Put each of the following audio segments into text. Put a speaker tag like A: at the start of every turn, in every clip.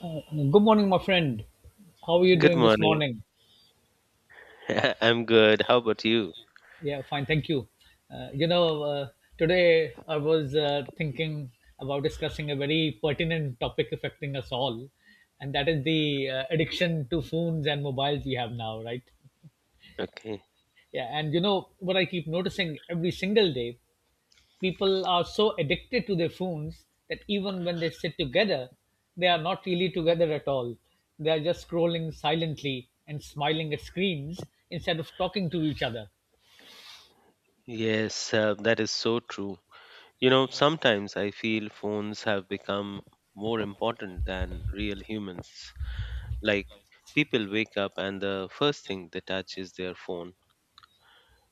A: Good morning, my friend. How are you
B: Good
A: doing this
B: morning.
A: morning?
B: I'm good. How about you?
A: Yeah, fine, thank you. Uh, you know, uh, today I was thinking about discussing a very pertinent topic affecting us all, and that is the addiction to phones and mobiles we have now, right?
B: Okay.
A: Yeah, and you know, what I keep noticing every single day, people are so addicted to their phones that even when they sit together, they are not really together at all. They are just scrolling silently and smiling at screens instead of talking to each other.
B: Yes, that is so true. You know, sometimes I feel phones have become more important than real humans. Like, people wake up and the first thing they touch is their phone,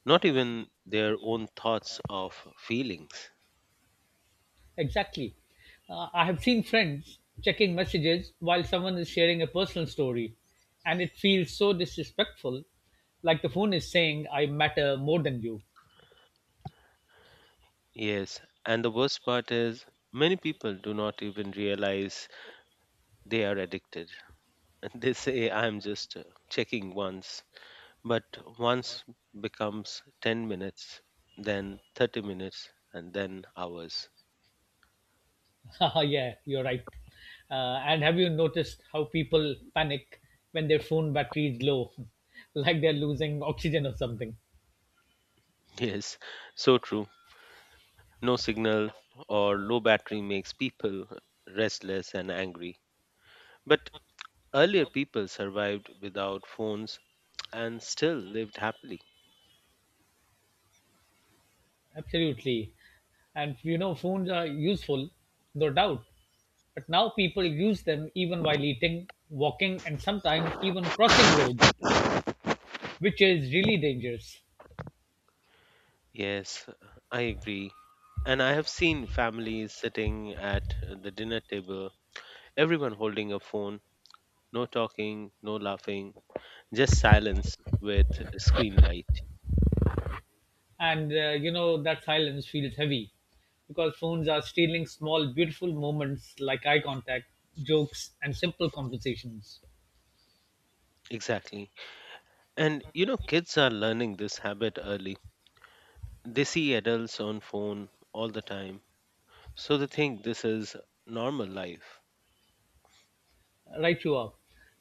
B: not even their own thoughts or feelings.
A: Exactly. I have seen friends checking messages while someone is sharing a personal story, and it feels so disrespectful, like the phone is saying, I matter more than you.
B: Yes, and the worst part is many people do not even realize they are addicted. They say, I'm just checking once. But once becomes 10 minutes, then 30 minutes, and then hours.
A: Yeah, you're right. And have you noticed how people panic when their phone battery is low, like they're losing oxygen or something?
B: Yes, so true. No signal or low battery makes people restless and angry. But earlier people survived without phones and still lived happily.
A: Absolutely. And you know, phones are useful, no doubt. But now people use them even while eating, walking, and sometimes even crossing roads, which is really dangerous.
B: Yes, I agree. And I have seen families sitting at the dinner table, everyone holding a phone, no talking, no laughing, just silence with screen light.
A: And you know, that silence feels heavy because phones are stealing small, beautiful moments like eye contact, jokes, and simple conversations.
B: Exactly. And you know, kids are learning this habit early. They see adults on phone all the time. So they think this is normal life.
A: Right you are,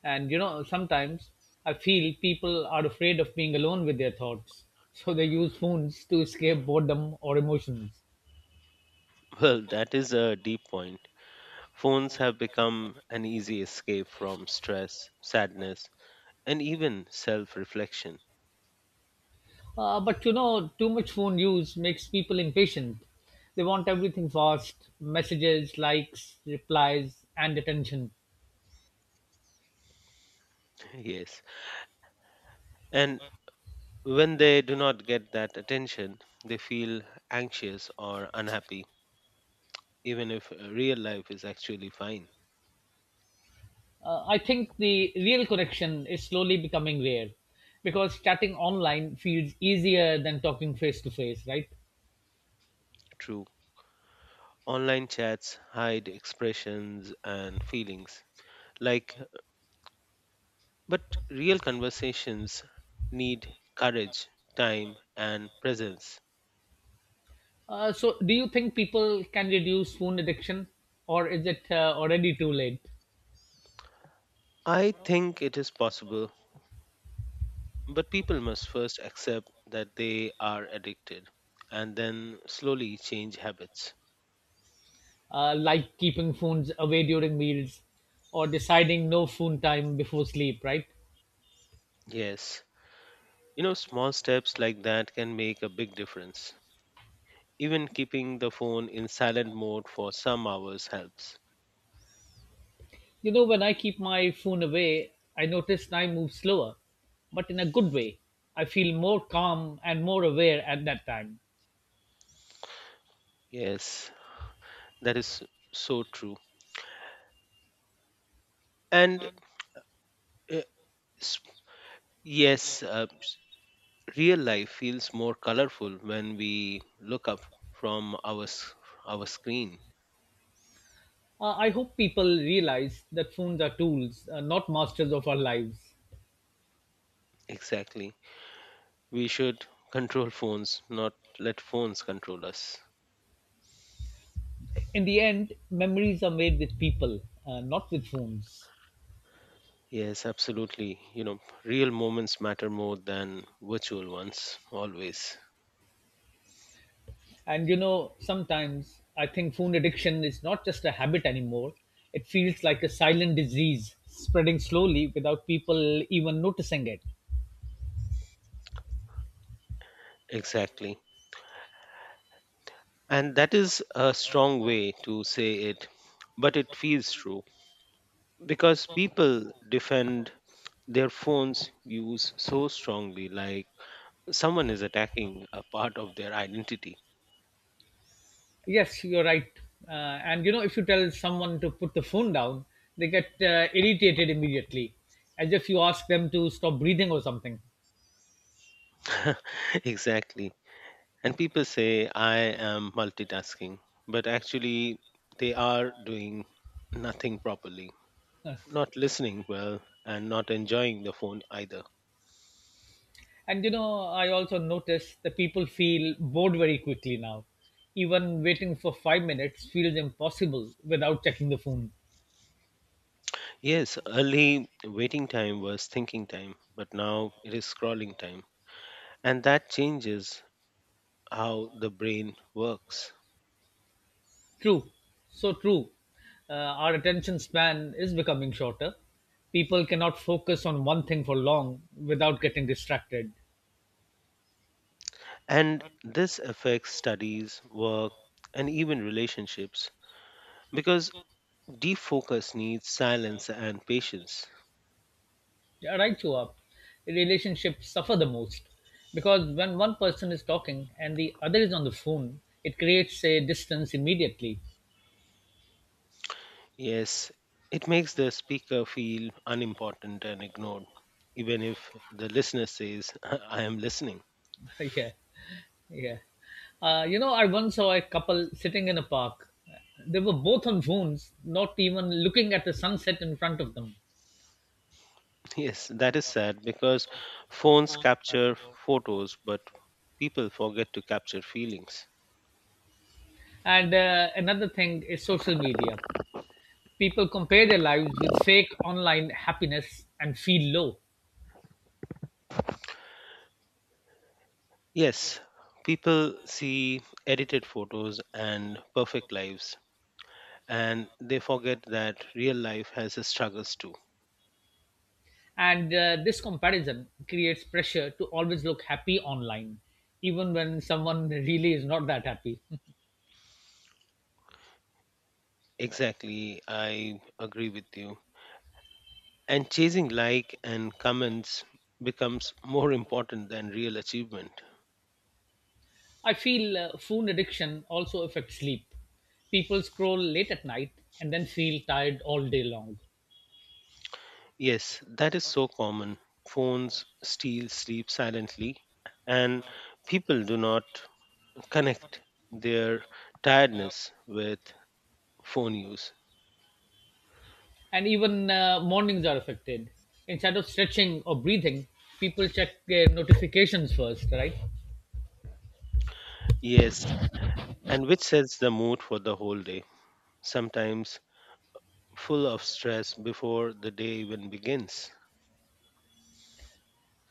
A: and you know, sometimes I feel people are afraid of being alone with their thoughts, so they use phones to escape boredom or emotions.
B: Well, that is a deep point. Phones have become an easy escape from stress, sadness, and even self reflection.
A: But you know, too much phone use makes people impatient. They want everything fast, messages, likes, replies, and attention.
B: Yes. And when they do not get that attention, they feel anxious or unhappy, even if real life is actually fine.
A: I think the real connection is slowly becoming rare because chatting online feels easier than talking face to face, right?
B: True. Online chats hide expressions and feelings. Like, but real conversations need courage, time, and presence.
A: So, do you think people can reduce phone addiction, or is it already too late?
B: I think it is possible, but people must first accept that they are addicted and then slowly change habits.
A: Like keeping phones away during meals, or deciding no phone time before sleep, right?
B: Yes, you know, small steps like that can make a big difference. Even keeping the phone in silent mode for some hours helps.
A: You know, when I keep my phone away, I notice time moves slower, but in a good way. I feel more calm and more aware at that time.
B: Yes, that is so true. And uh, S- yes, real life feels more colorful when we look up from our screen.
A: I hope people realize that phones are tools, not masters of our lives.
B: Exactly. We should control phones, not let phones control us.
A: In the end, memories are made with people, not with phones.
B: Yes, absolutely. You know, real moments matter more than virtual ones always.
A: And you know, sometimes I think phone addiction is not just a habit anymore. It feels like a silent disease spreading slowly without people even noticing it.
B: Exactly. And that is a strong way to say it, but it feels true because people defend their phones use so strongly like someone is attacking a part of their identity.
A: Yes, you're right. Uh, and you know, if you tell someone to put the phone down, they get irritated immediately, as if you ask them to stop breathing or something.
B: Exactly. And people say, I am multitasking, but actually, they are doing nothing properly, not listening well, and not enjoying the phone either.
A: And you know, I also notice that people feel bored very quickly now. Even waiting for 5 minutes feels impossible without checking the phone.
B: Yes, early waiting time was thinking time, but now it is scrolling time. And that changes how the brain works.
A: True, so true. Our attention span is becoming shorter. People cannot focus on one thing for long without getting distracted.
B: And this affects studies, work, and even relationships because deep focus needs silence and patience.
A: Yeah, right, you are. Relationships suffer the most because when one person is talking and the other is on the phone, it creates a distance immediately.
B: Yes, it makes the speaker feel unimportant and ignored, even if the listener says, I am listening.
A: Yeah, yeah. You know, I once saw a couple sitting in a park. They were both on phones, not even looking at the sunset in front of them.
B: Yes, that is sad because phones capture photos, but people forget to capture feelings.
A: And another thing is social media. People compare their lives with fake online happiness and feel low.
B: Yes, people see edited photos and perfect lives, and they forget that real life has its struggles too.
A: And this comparison creates pressure to always look happy online, even when someone really is not that happy.
B: Exactly, I agree with you. And chasing like and comments becomes more important than real achievement.
A: I feel phone addiction also affects sleep. People scroll late at night and then feel tired all day long.
B: Yes, that is so common. Phones steal sleep silently, and people do not connect their tiredness with phone use.
A: And even mornings are affected. Instead of stretching or breathing, people check their notifications first, right?
B: Yes, and which sets the mood for the whole day, sometimes full of stress before the day even begins.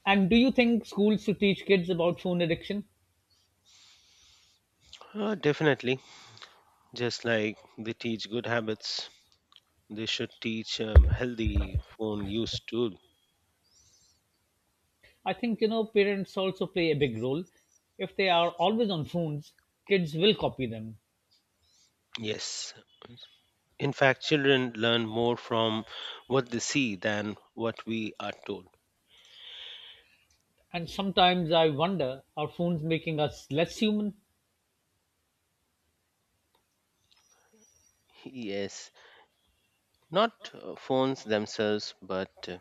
A: And do you think schools should teach kids about phone addiction?
B: Definitely, just like they teach good habits, they should teach healthy phone use too.
A: I think, you know, parents also play a big role. If they are always on phones, kids will copy them.
B: Yes. In fact, children learn more from what they see than what we are told.
A: And sometimes I wonder, are phones making us less human?
B: Yes. Not phones themselves, but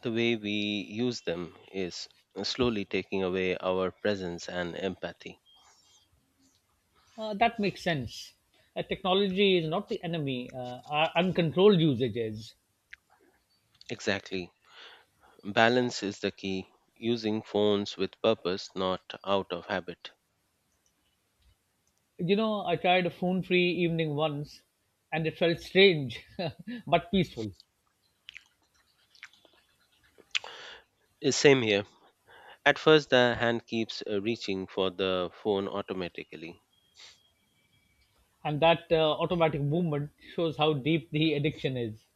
B: the way we use them is slowly taking away our presence and empathy.
A: That makes sense. Technology is not the enemy. Our uncontrolled usage is.
B: Exactly. Balance is the key. Using phones with purpose, not out of habit.
A: You know, I tried a phone-free evening once, and it felt strange, but peaceful.
B: Same here. At first, the hand keeps reaching for the phone automatically.
A: And that automatic movement shows how deep the addiction is.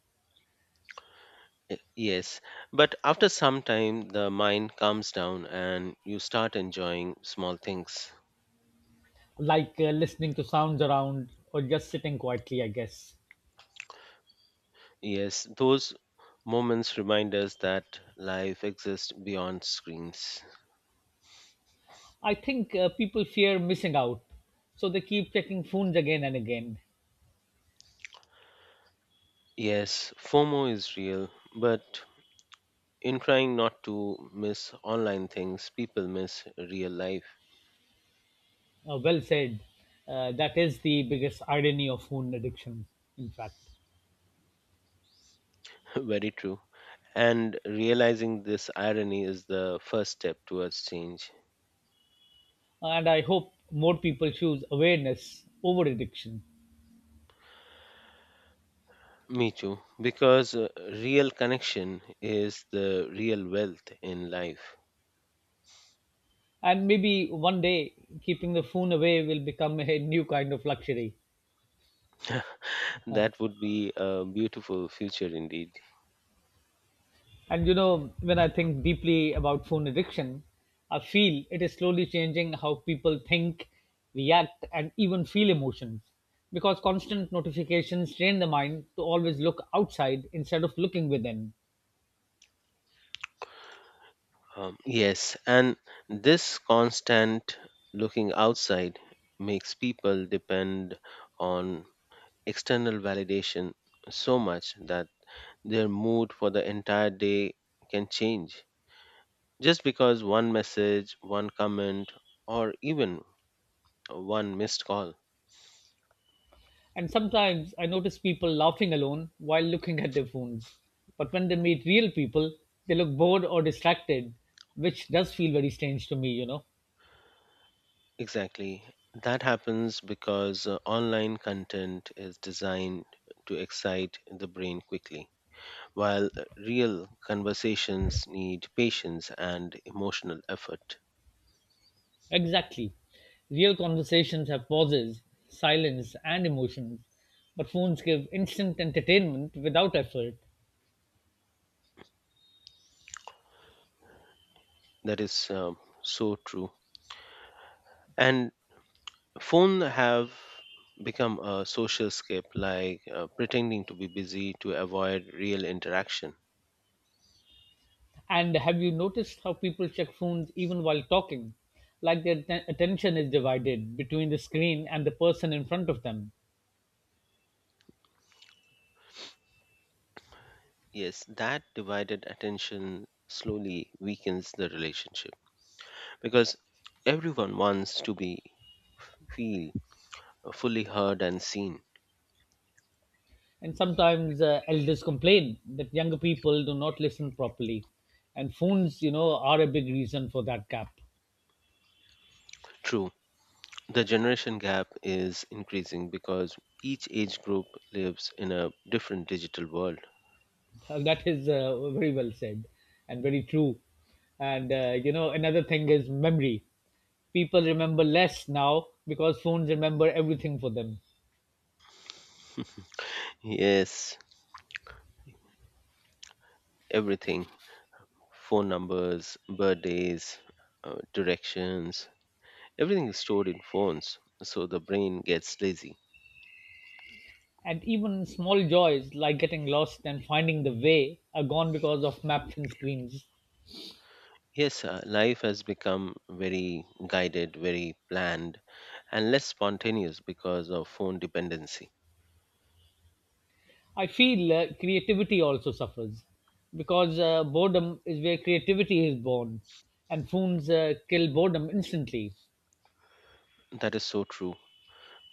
B: Yes, but after some time, the mind calms down and you start enjoying small things.
A: Like listening to sounds around or just sitting quietly, I guess.
B: Yes, those moments remind us that life exists beyond screens.
A: I think people fear missing out, so they keep checking phones again and again.
B: Yes, FOMO is real, but in trying not to miss online things, people miss real life.
A: Well said. That is the biggest irony of phone addiction, in fact.
B: Very true. And realizing this irony is the first step towards change.
A: And I hope more people choose awareness over addiction.
B: Me too, because real connection is the real wealth in life.
A: And maybe one day, keeping the phone away will become a new kind of luxury. Uh,
B: That would be a beautiful future indeed.
A: And you know, when I think deeply about phone addiction, I feel it is slowly changing how people think, react, and even feel emotions. Because constant notifications train the mind to always look outside instead of looking within.
B: Yes, and this constant looking outside makes people depend on external validation so much that their mood for the entire day can change just because one message, one comment, or even one missed call.
A: And sometimes I notice people laughing alone while looking at their phones. But when they meet real people, they look bored or distracted, which does feel very strange to me, you know.
B: Exactly. That happens because online content is designed to excite the brain quickly, while real conversations need patience and emotional effort.
A: Exactly. Real conversations have pauses, silence, and emotions, but phones give instant entertainment without effort.
B: That is so true. And phone have become a social escape, like pretending to be busy to avoid real interaction.
A: And have you noticed how people check phones even while talking? Like their attention is divided between the screen and the person in front of them.
B: Yes, that divided attention slowly weakens the relationship because everyone wants to be feel fully heard and seen.
A: And sometimes elders complain that younger people do not listen properly. And phones, you know, are a big reason for that gap.
B: True, the generation gap is increasing because each age group lives in a different digital world.
A: That is very well said and very true. And you know, another thing is memory. People remember less now because phones remember everything for them.
B: Yes, everything phone numbers, birthdays, directions, everything is stored in phones, so the brain gets lazy.
A: And even small joys like getting lost and finding the way are gone because of maps and screens.
B: Yes, life has become very guided, very planned, and less spontaneous because of phone dependency.
A: I feel creativity also suffers because boredom is where creativity is born, and phones kill boredom instantly.
B: That is so true.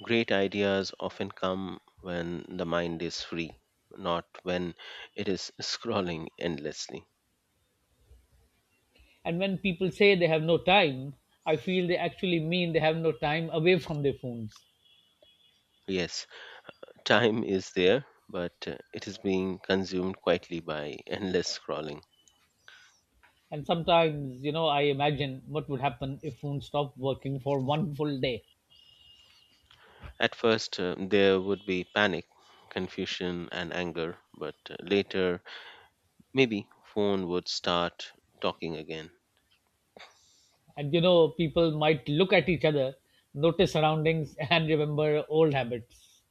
B: Great ideas often come when the mind is free, not when it is scrolling endlessly.
A: And when people say they have no time, I feel they actually mean they have no time away from their phones.
B: Yes, time is there, but it is being consumed quietly by endless scrolling.
A: And sometimes, you know, I imagine what would happen if phones stopped working for one full day.
B: At first, there would be panic, confusion, and anger, but later, maybe phone would start talking again.
A: And, you know, people might look at each other, notice surroundings, and remember old habits.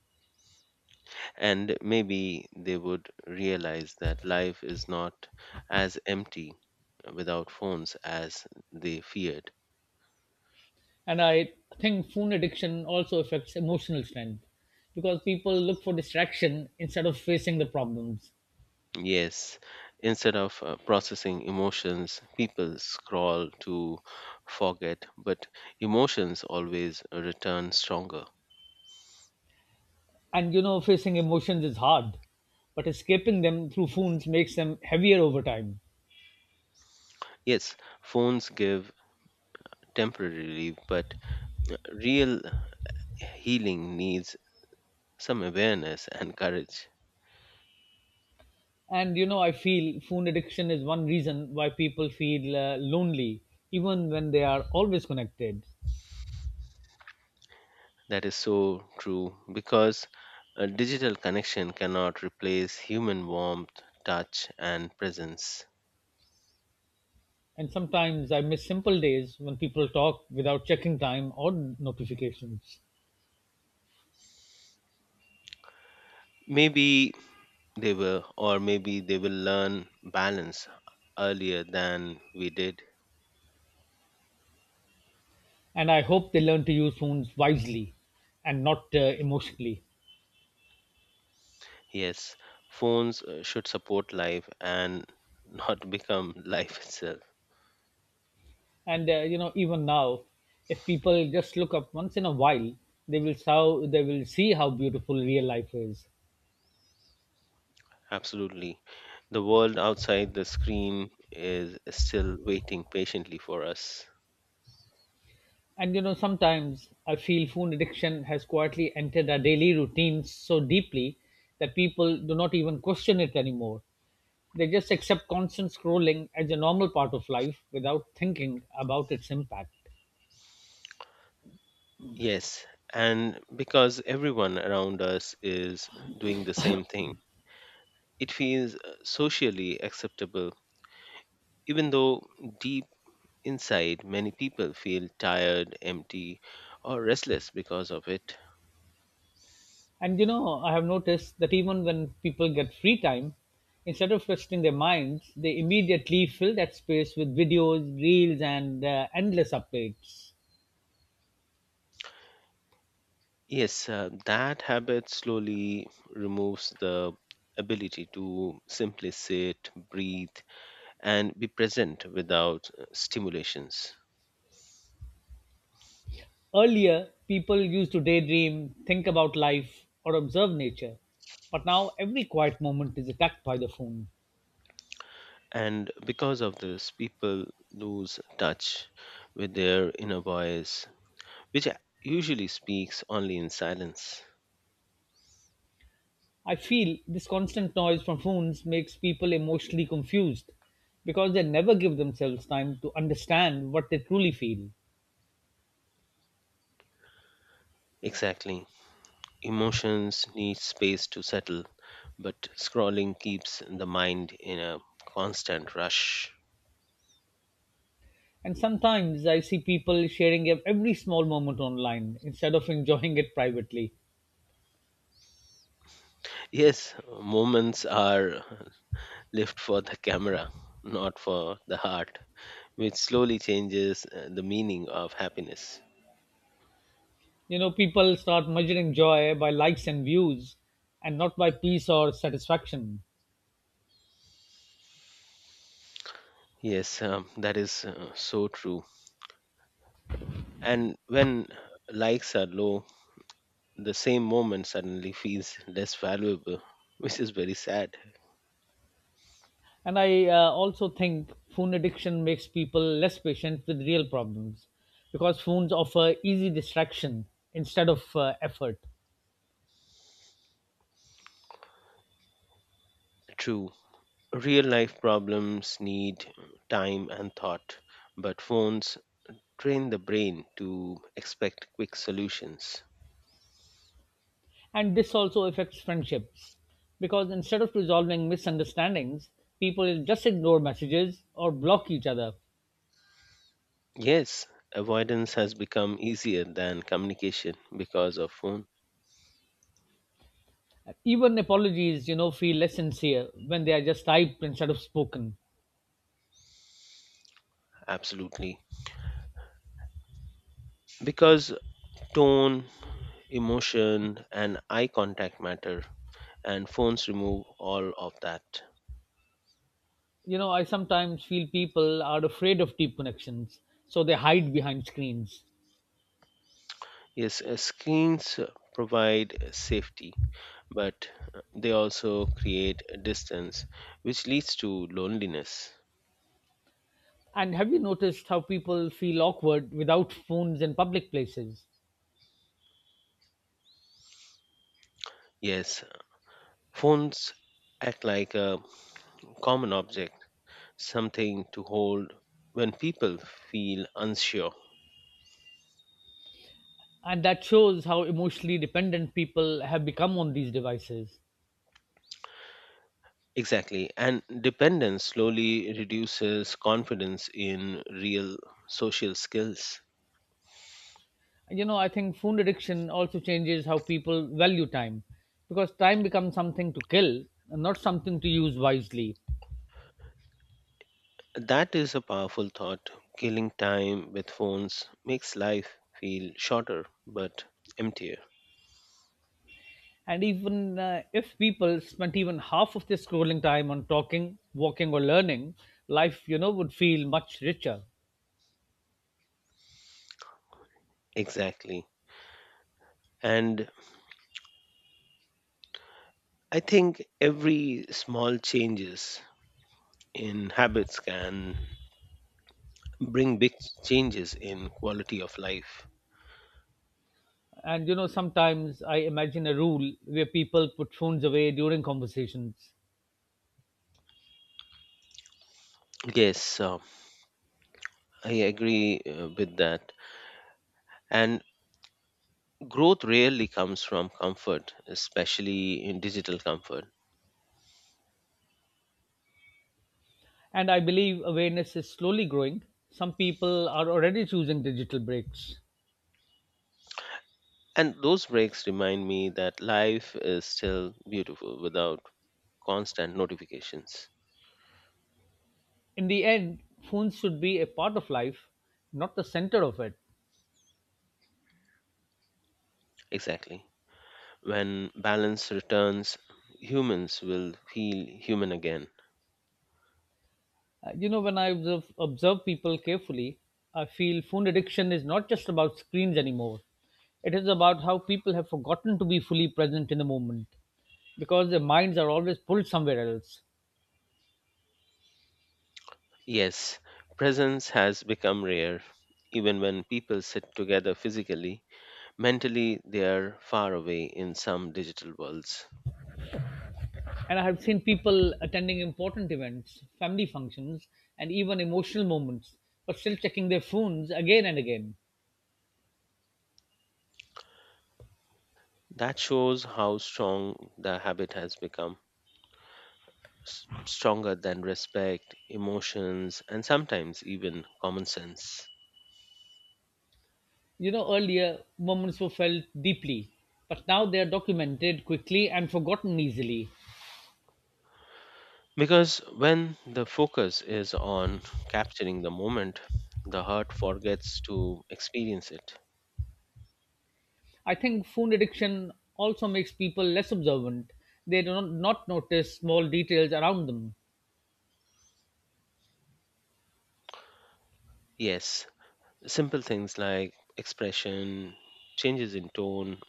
B: And maybe they would realize that life is not as empty without phones as they feared.
A: And I think phone addiction also affects emotional strength because people look for distraction instead of facing the problems.
B: Yes, instead of processing emotions, people scroll to forget, but emotions always return stronger.
A: And, you know, facing emotions is hard but escaping them through phones makes them heavier over time.
B: Yes, phones give temporary relief, but real healing needs some awareness and courage.
A: And you know, I feel phone addiction is one reason why people feel lonely even when they are always connected.
B: That is so true because a digital connection cannot replace human warmth, touch, and presence.
A: And sometimes I miss simple days when people talk without checking time or notifications.
B: Maybe they will, or maybe they will learn balance earlier than we did.
A: And I hope they learn to use phones wisely and not emotionally.
B: Yes, phones should support life and not become life itself.
A: And you know, even now, if people just look up once in a while, they will see how beautiful real life is.
B: Absolutely. The world outside the screen is still waiting patiently for us.
A: And you know, sometimes I feel phone addiction has quietly entered our daily routines so deeply that people do not even question it anymore. They just accept constant scrolling as a normal part of life without thinking about its impact.
B: Yes, and because everyone around us is doing the same thing, it feels socially acceptable, even though deep inside many people feel tired, empty, or restless because of it.
A: And you know, I have noticed that even when people get free time, instead of resting their minds, they immediately fill that space with videos, reels, and endless updates.
B: Yes, that habit slowly removes the ability to simply sit, breathe, and be present without stimulations.
A: Earlier, people used to daydream, think about life, or observe nature. But now every quiet moment is attacked by the phone.
B: And because of this, people lose touch with their inner voice, which usually speaks only in silence.
A: I feel this constant noise from phones makes people emotionally confused because they never give themselves time to understand what they truly feel.
B: Exactly. Emotions need space to settle, but scrolling keeps the mind in a constant rush.
A: And sometimes I see people sharing every small moment online instead of enjoying it privately.
B: Yes, moments are lived for the camera, not for the heart, which slowly changes the meaning of happiness.
A: You know, people start measuring joy by likes and views and not by peace or satisfaction.
B: Yes, that is so true. And when likes are low, the same moment suddenly feels less valuable, which is very sad.
A: And I also think phone addiction makes people less patient with real problems because phones offer easy distraction instead of effort.
B: True, real life problems need time and thought, but phones train the brain to expect quick solutions.
A: And this also affects friendships because instead of resolving misunderstandings, people just ignore messages or block each other.
B: Yes, avoidance has become easier than communication because of phone.
A: Even apologies, you know, feel less sincere when they are just typed instead of spoken.
B: Absolutely. Because tone, emotion, and eye contact matter, and phones remove all of that.
A: You know, I sometimes feel people are afraid of deep connections, so they hide behind screens.
B: Yes, screens provide safety, but they also create a distance, which leads to loneliness.
A: And have you noticed how people feel awkward without phones in public places?
B: Yes, phones act like a common object, something to hold when people feel unsure.
A: And that shows how emotionally dependent people have become on these devices.
B: Exactly, and dependence slowly reduces confidence in real social skills.
A: And, you know, I think phone addiction also changes how people value time because time becomes something to kill and not something to use wisely.
B: That is a powerful thought. Killing time with phones makes life feel shorter but emptier.
A: And even if people spent even half of their scrolling time on talking, walking, or learning, life, you know, would feel much richer.
B: Exactly. And I think every small changes in habits can bring big changes in quality of life.
A: And you know, sometimes I imagine a rule where people put phones away during conversations.
B: Yes, I agree with that. And growth rarely comes from comfort, especially in digital comfort.
A: And I believe awareness is slowly growing. Some people are already choosing digital breaks.
B: And those breaks remind me that life is still beautiful without constant notifications.
A: In the end, phones should be a part of life, not the center of it.
B: Exactly. When balance returns, humans will feel human again.
A: You know, when observe people carefully, I feel phone addiction is not just about screens anymore. It is about how people have forgotten to be fully present in the moment because their minds are always pulled somewhere else.
B: Yes, presence has become rare. Even when people sit together physically, mentally they are far away in some digital worlds.
A: And I have seen people attending important events, family functions, and even emotional moments, but still checking their phones again and again.
B: That shows how strong the habit has become, stronger than respect, emotions, and sometimes even common sense.
A: You know, earlier moments were felt deeply, but now they are documented quickly and forgotten easily.
B: Because when the focus is on capturing the moment, the heart forgets to experience it.
A: I think phone addiction also makes people less observant. They do not, not notice small details around them.
B: Yes, simple things like expression, changes in tone,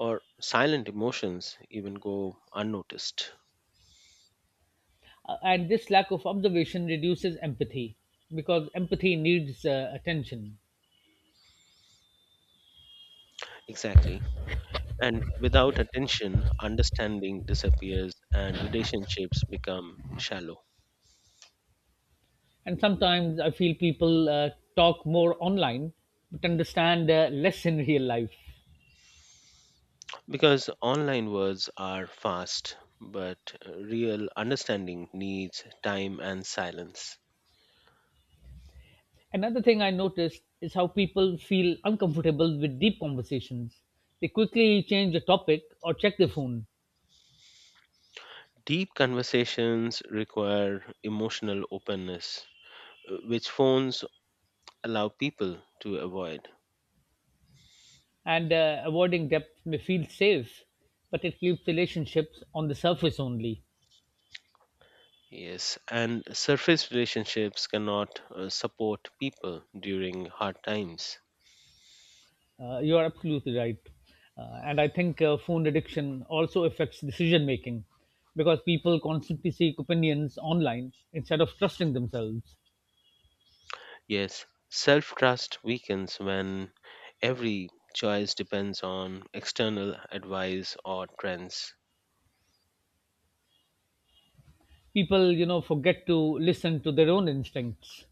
B: or silent emotions even go unnoticed.
A: And this lack of observation reduces empathy because empathy needs attention.
B: Exactly. And without attention, understanding disappears and relationships become shallow.
A: And sometimes I feel people talk more online but understand less in real life.
B: Because online words are fast, but real understanding needs time and silence.
A: Another thing I noticed is how people feel uncomfortable with deep conversations. They quickly change the topic or check their phone.
B: Deep conversations require emotional openness, which phones allow people to avoid.
A: And avoiding depth may feel safe, but it keeps relationships on the surface only.
B: Yes, and surface relationships cannot support people during hard times.
A: You are absolutely right. And I think phone addiction also affects decision making because people constantly seek opinions online instead of trusting themselves.
B: Yes, self trust weakens when every choice depends on external advice or trends.
A: People, you know, forget to listen to their own instincts.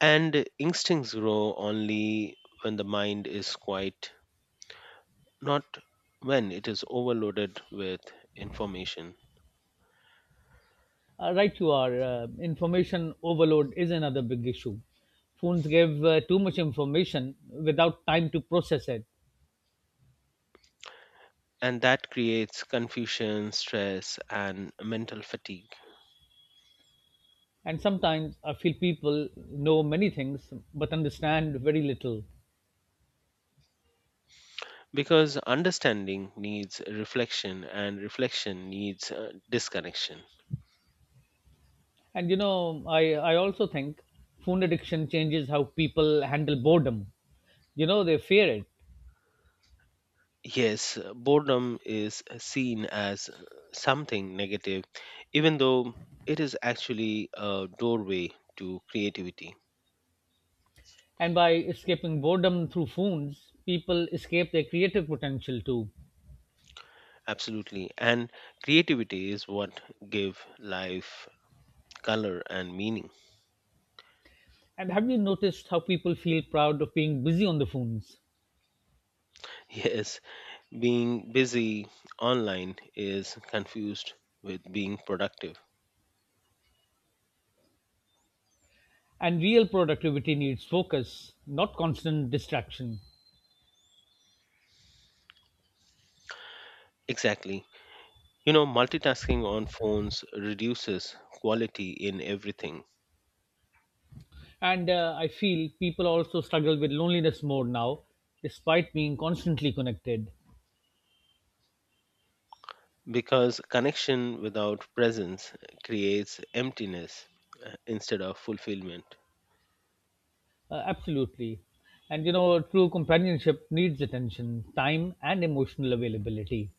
B: And instincts grow only when the mind is quiet, not when it is overloaded with information.
A: Right you are. Information overload is another big issue. Phones give too much information without time to process it.
B: And that creates confusion, stress, and mental fatigue
A: And sometimes I feel people know many things but understand very little.
B: because understanding needs reflection and reflection needs disconnection.
A: And you know, I also think phone addiction changes how people handle boredom. You know, they fear it.
B: Yes, boredom is seen as something negative, even though it is actually a doorway to creativity.
A: And by escaping boredom through phones, people escape their creative potential too.
B: Absolutely. And creativity is what give life color and meaning.
A: And have you noticed how people feel proud of being busy on the phones?
B: Yes, being busy online is confused with being productive.
A: And real productivity needs focus, not constant distraction.
B: Exactly. You know, multitasking on phones reduces quality in everything
A: And I feel people also struggle with loneliness more now, despite being constantly connected.
B: because connection without presence creates emptiness instead of fulfillment.
A: Absolutely. And you know, true companionship needs attention, time, and emotional availability.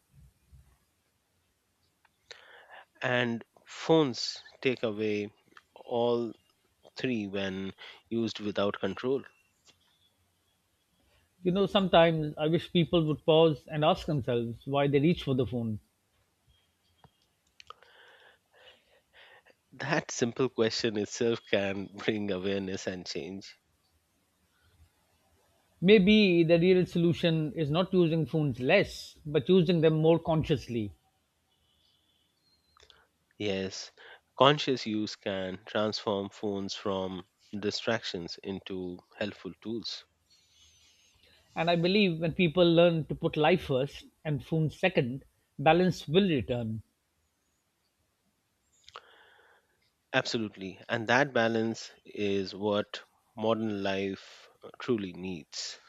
B: And phones take away all three when used without control.
A: You know, sometimes I wish people would pause and ask themselves why they reach for the phone.
B: That simple question itself can bring awareness and change.
A: Maybe the real solution is not using phones less, but using them more consciously.
B: Yes, conscious use can transform phones from distractions into helpful tools.
A: And I believe when people learn to put life first and phones second, balance will return.
B: Absolutely. And that balance is what modern life truly needs.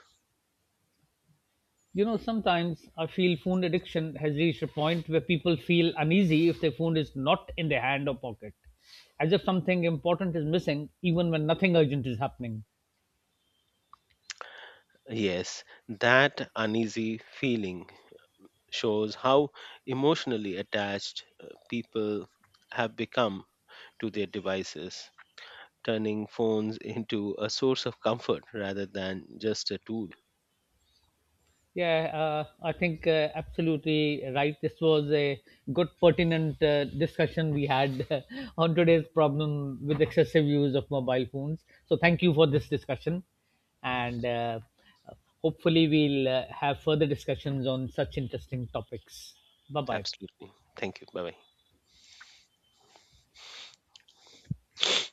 A: You know, sometimes I feel phone addiction has reached a point where people feel uneasy if their phone is not in their hand or pocket, as if something important is missing, even when nothing urgent is happening.
B: Yes, that uneasy feeling shows how emotionally attached people have become to their devices, turning phones into a source of comfort rather than just a tool.
A: Yeah, I think absolutely right. This was a good, pertinent discussion we had on today's problem with excessive use of mobile phones. So, thank you for this discussion, and hopefully, we'll have further discussions on such interesting topics. Bye bye.
B: Absolutely. Thank you. Bye bye.